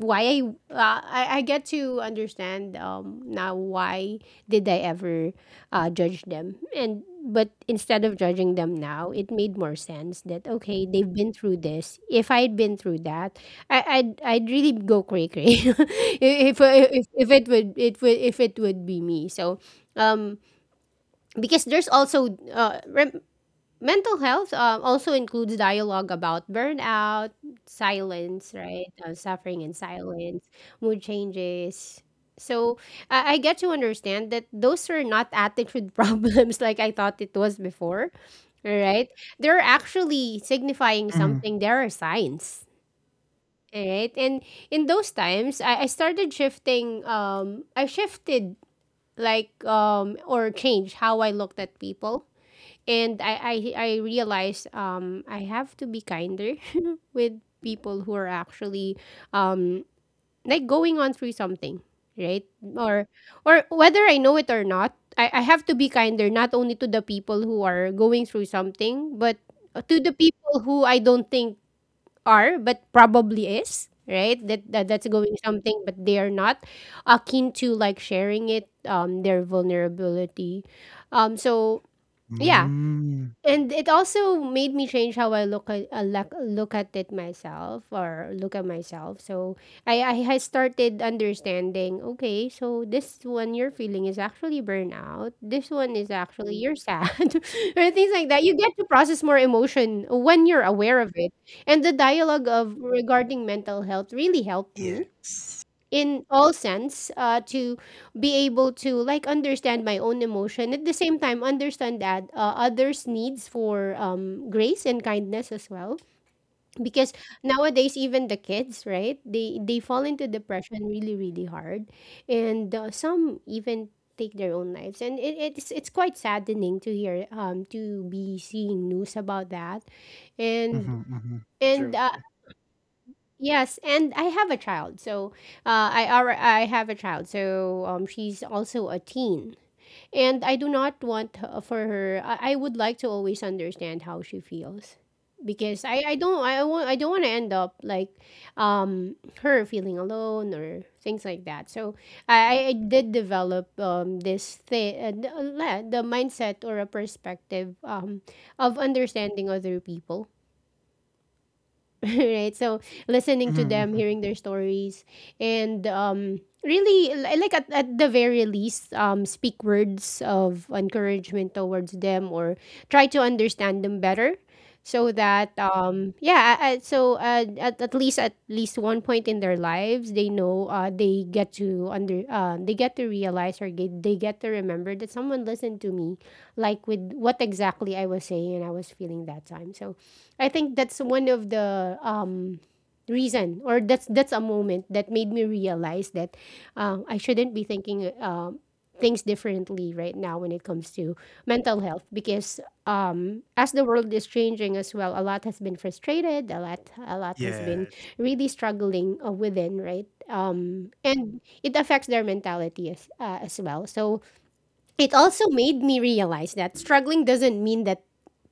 [SPEAKER 1] why I get to understand now why did I ever judge them. And but instead of judging them now, it made more sense that okay, they've been through this. If I'd been through that, I'd really go cray cray [LAUGHS] if it would it would if it would be me. So um because there's also mental health also includes dialogue about burnout, silence, right? Suffering in silence, mood changes. So I get to understand that those are not attitude [LAUGHS] problems like I thought it was before. All right. They're actually signifying
[SPEAKER 2] mhm.
[SPEAKER 1] something. There are signs. All right. And in those times, I started shifting. I shifted like or changed how I looked at people, and I realized I have to be kinder [LAUGHS] with people who are actually um like going on through something, right? Or or whether I know it or not, I have to be kinder not only to the people who are going through something, but to the people who I don't think are, but probably is, right? That's going something, but they are not akin to like sharing it, their vulnerability. So yeah,
[SPEAKER 2] Mm.
[SPEAKER 1] and it also made me change how I look at look at it myself or look at myself. So I had started understanding. Okay, so this one you're feeling is actually burnout. This one is actually you're sad, [LAUGHS] or things like that. You get to process more emotion when you're aware of it. And the dialogue of regarding mental health really helped me
[SPEAKER 2] Yes.
[SPEAKER 1] in all sense to be able to like understand my own emotion at the same time understand that others needs for grace and kindness as well, because nowadays even the kids, right, they fall into depression really really hard, and some even take their own lives, and it's quite saddening to hear to be seeing news about that, and
[SPEAKER 2] Mhm, mhm.
[SPEAKER 1] and
[SPEAKER 2] True,
[SPEAKER 1] uh,
[SPEAKER 2] true.
[SPEAKER 1] yes, and I have a child. So I have a child. So she's also a teen, and I do not want for her. I would like to always understand how she feels, because I don't want to end up like um her feeling alone or things like that. So I did develop this thing, the mindset or a perspective of understanding other people, [LAUGHS] right? So listening to
[SPEAKER 2] Mhm,
[SPEAKER 1] them,
[SPEAKER 2] mhm.
[SPEAKER 1] hearing their stories, and really like, at the very least, speak words of encouragement towards them, or try to understand them better. So that, yeah, so at least one point in their lives they know, they get to realize they get to remember that someone listened to me like with what exactly I was saying and I was feeling that time. So I think that's one of the reason, or that's a moment that made me realize that I shouldn't be thinking things differently right now when it comes to mental health, because as the world is changing as well, a lot has been frustrated, a lot has been
[SPEAKER 2] Yes,
[SPEAKER 1] really struggling, within, right? And it affects their mentality as well. So it also made me realize that struggling doesn't mean that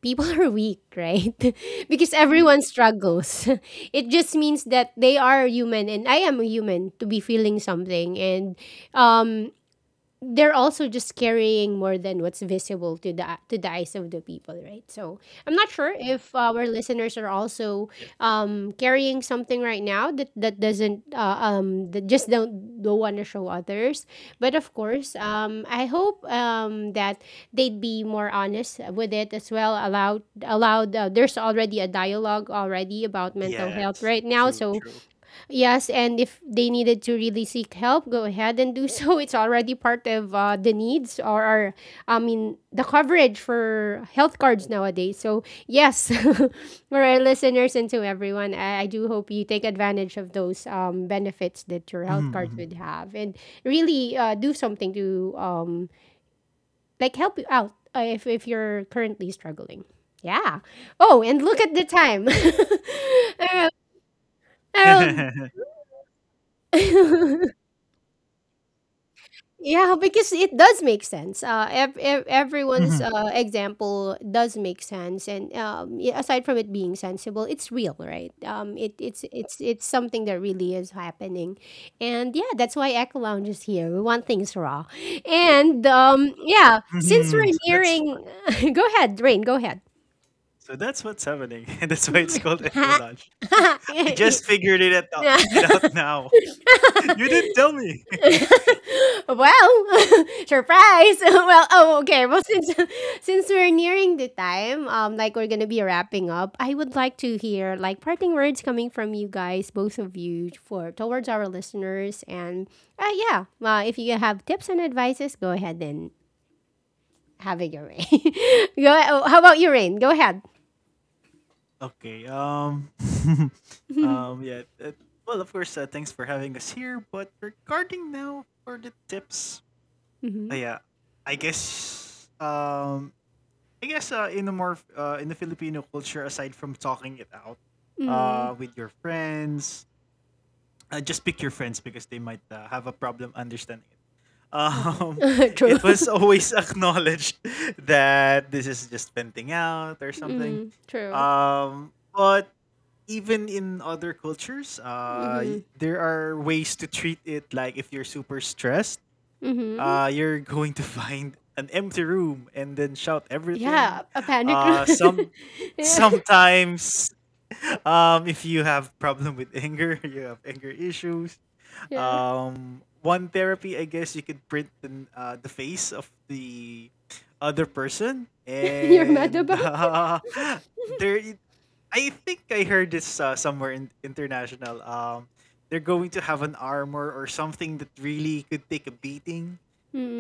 [SPEAKER 1] people [LAUGHS] are weak, right? [LAUGHS] Because everyone struggles. [LAUGHS] It just means that they are human, and I am a human to be feeling something, and um they're also just carrying more than what's visible to the eyes of the people, right? So I'm not sure if our listeners are also
[SPEAKER 2] yes,
[SPEAKER 1] carrying something right now that doesn't that just don't want to show others. But of course, I hope that they'd be more honest with it as well. Allowed allowed There's already a dialogue already about mental health
[SPEAKER 2] yes.
[SPEAKER 1] right now,
[SPEAKER 2] True,
[SPEAKER 1] so
[SPEAKER 2] true.
[SPEAKER 1] yes, and if they needed to really seek help, go ahead and do so. [LAUGHS] It's already part of the needs, or, I mean, the coverage for health cards nowadays. So, yes, [LAUGHS] for our listeners and to everyone, I do hope you take advantage of those benefits that your health cards
[SPEAKER 2] Mhm,
[SPEAKER 1] would have and really do something to, like, help you out, if you're currently struggling. Yeah. Oh, and look at the time. [LAUGHS] Arrow.
[SPEAKER 2] [LAUGHS]
[SPEAKER 1] Arrow.
[SPEAKER 2] mhm.
[SPEAKER 1] [LAUGHS] Yeah, because it does make sense. Everyone's
[SPEAKER 2] Mhm,
[SPEAKER 1] example does make sense, and aside from it being sensible, it's real, right? It, it's something that really is happening, and yeah, that's why Echo Lounge is here. We want things raw, and yeah, since
[SPEAKER 2] mhm.
[SPEAKER 1] we're
[SPEAKER 2] [LAUGHS] So that's fun.
[SPEAKER 1] nearing, [LAUGHS] go ahead, Rain, go ahead.
[SPEAKER 2] So that's what's happening, [LAUGHS] and that's why it's
[SPEAKER 1] [LAUGHS]
[SPEAKER 2] called Eco Lodge. [LAUGHS] I just figured it at out it
[SPEAKER 1] [LAUGHS]
[SPEAKER 2] out now. [LAUGHS] You didn't tell me. [LAUGHS]
[SPEAKER 1] [LAUGHS] Well, [LAUGHS] surprise. [LAUGHS] Well, oh, okay. Well, since [LAUGHS] since we're nearing the time, like, we're gonna be wrapping up. I would like to hear like parting words coming from you guys, both of you, for towards our listeners, and yeah, if you have tips and advices, go ahead and have it your way. [LAUGHS] Go. Oh, how about you, Rain? Go ahead.
[SPEAKER 2] Okay. [LAUGHS] Yeah. Well, of course. Thanks for having us here. But regarding now for the tips.
[SPEAKER 1] Mm-hmm.
[SPEAKER 2] Yeah. I guess. Um. I guess. In the more. In the Filipino culture, aside from talking it out.
[SPEAKER 1] Mm-hmm.
[SPEAKER 2] With your friends. Just pick your friends because they might have a problem understanding it. Um. [LAUGHS]
[SPEAKER 1] Uh-huh. [LAUGHS] True.
[SPEAKER 2] It
[SPEAKER 1] [LAUGHS]
[SPEAKER 2] was always acknowledged [LAUGHS] that this is just venting out or something.
[SPEAKER 1] Mm. True.
[SPEAKER 2] But even in other cultures,
[SPEAKER 1] Mm-hmm.
[SPEAKER 2] there are ways to treat it. Like if you're super stressed,
[SPEAKER 1] Mm-hmm.
[SPEAKER 2] you're going to [LAUGHS] find an empty room and then shout everything.
[SPEAKER 1] Yeah, a panic room.
[SPEAKER 2] Uh, some
[SPEAKER 1] [LAUGHS] Yeah.
[SPEAKER 2] Sometimes, [LAUGHS] if you have problem with anger, [LAUGHS] you have anger issues.
[SPEAKER 1] Yeah.
[SPEAKER 2] One therapy, I guess, you could print the face of the other person
[SPEAKER 1] [LAUGHS] You're mad
[SPEAKER 2] and
[SPEAKER 1] about?
[SPEAKER 2] [LAUGHS] there I think I heard this somewhere in international. They're going to have an armor or something that really could take a beating,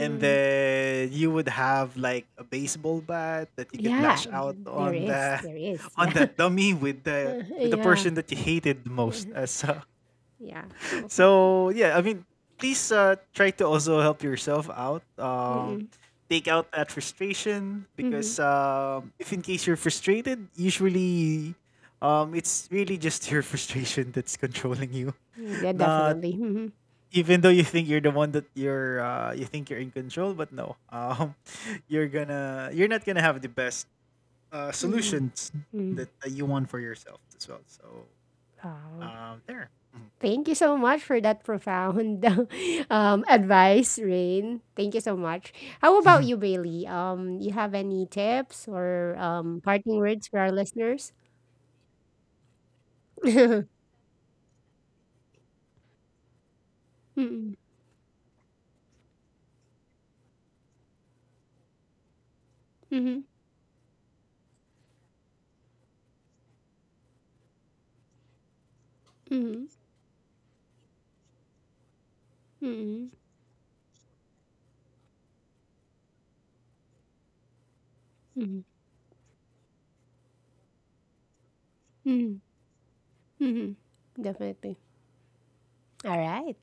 [SPEAKER 2] and then you would have like a baseball bat that you could
[SPEAKER 1] Yeah,
[SPEAKER 2] lash out
[SPEAKER 1] there
[SPEAKER 2] on
[SPEAKER 1] is.
[SPEAKER 2] the [LAUGHS]
[SPEAKER 1] There is. Yeah.
[SPEAKER 2] on
[SPEAKER 1] [LAUGHS]
[SPEAKER 2] that dummy with the
[SPEAKER 1] Yeah.
[SPEAKER 2] person that you hated the
[SPEAKER 1] Uh,
[SPEAKER 2] most as so,
[SPEAKER 1] Yeah. Oh.
[SPEAKER 2] so yeah, I mean, please try to also help yourself out.
[SPEAKER 1] Mm-mm.
[SPEAKER 2] Take out that frustration
[SPEAKER 1] Mm-hmm.
[SPEAKER 2] because if in case you're frustrated, usually, it's really just [LAUGHS] your frustration that's controlling you.
[SPEAKER 1] Yeah,
[SPEAKER 2] [LAUGHS] Not
[SPEAKER 1] definitely. Mm-hmm.
[SPEAKER 2] Even though you think you're the one that you think you're in control, but no, [LAUGHS] you're not gonna have the best
[SPEAKER 1] Mm-hmm.
[SPEAKER 2] solutions
[SPEAKER 1] Mm.
[SPEAKER 2] that, that you want for yourself as well. So,
[SPEAKER 1] Wow.
[SPEAKER 2] there. Mhm.
[SPEAKER 1] Thank you so much for that profound [LAUGHS] advice, Rain. Thank you so much. How about
[SPEAKER 2] Mhm,
[SPEAKER 1] you, Bailey? You have any tips or parting words for our listeners? [LAUGHS] Mm-mm. Mm-hmm. Mm-hmm. Mm-hmm. Mm-hmm. Mm-hmm. hmm Definitely. All right.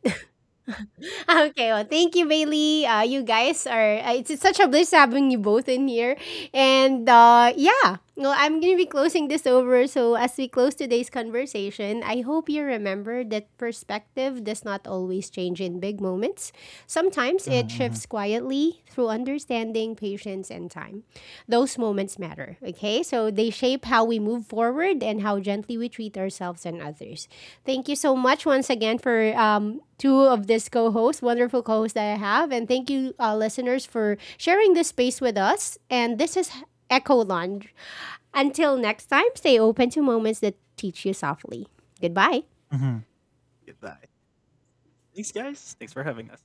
[SPEAKER 1] [LAUGHS] Okay. Well, thank you, Bailey. You guys are. It's such a bliss having you both in here. And yeah, well, I'm gonna be closing this over. So as we close today's conversation, I hope you remember that perspective does not always change in big moments.
[SPEAKER 2] [LAUGHS]
[SPEAKER 1] Sometimes it
[SPEAKER 2] mhm, mhm,
[SPEAKER 1] shifts quietly through understanding, patience, and time. Those moments matter, okay? So they shape how we move forward and how gently we treat ourselves and others. Thank you so much once again for two of this co-hosts, wonderful co-hosts that I have. And thank you, listeners, for sharing this space with us. And this is Echo Lounge. Until next time, stay open to moments that teach you softly. Goodbye.
[SPEAKER 2] mhm. Goodbye. Thanks, guys. Thanks for having us.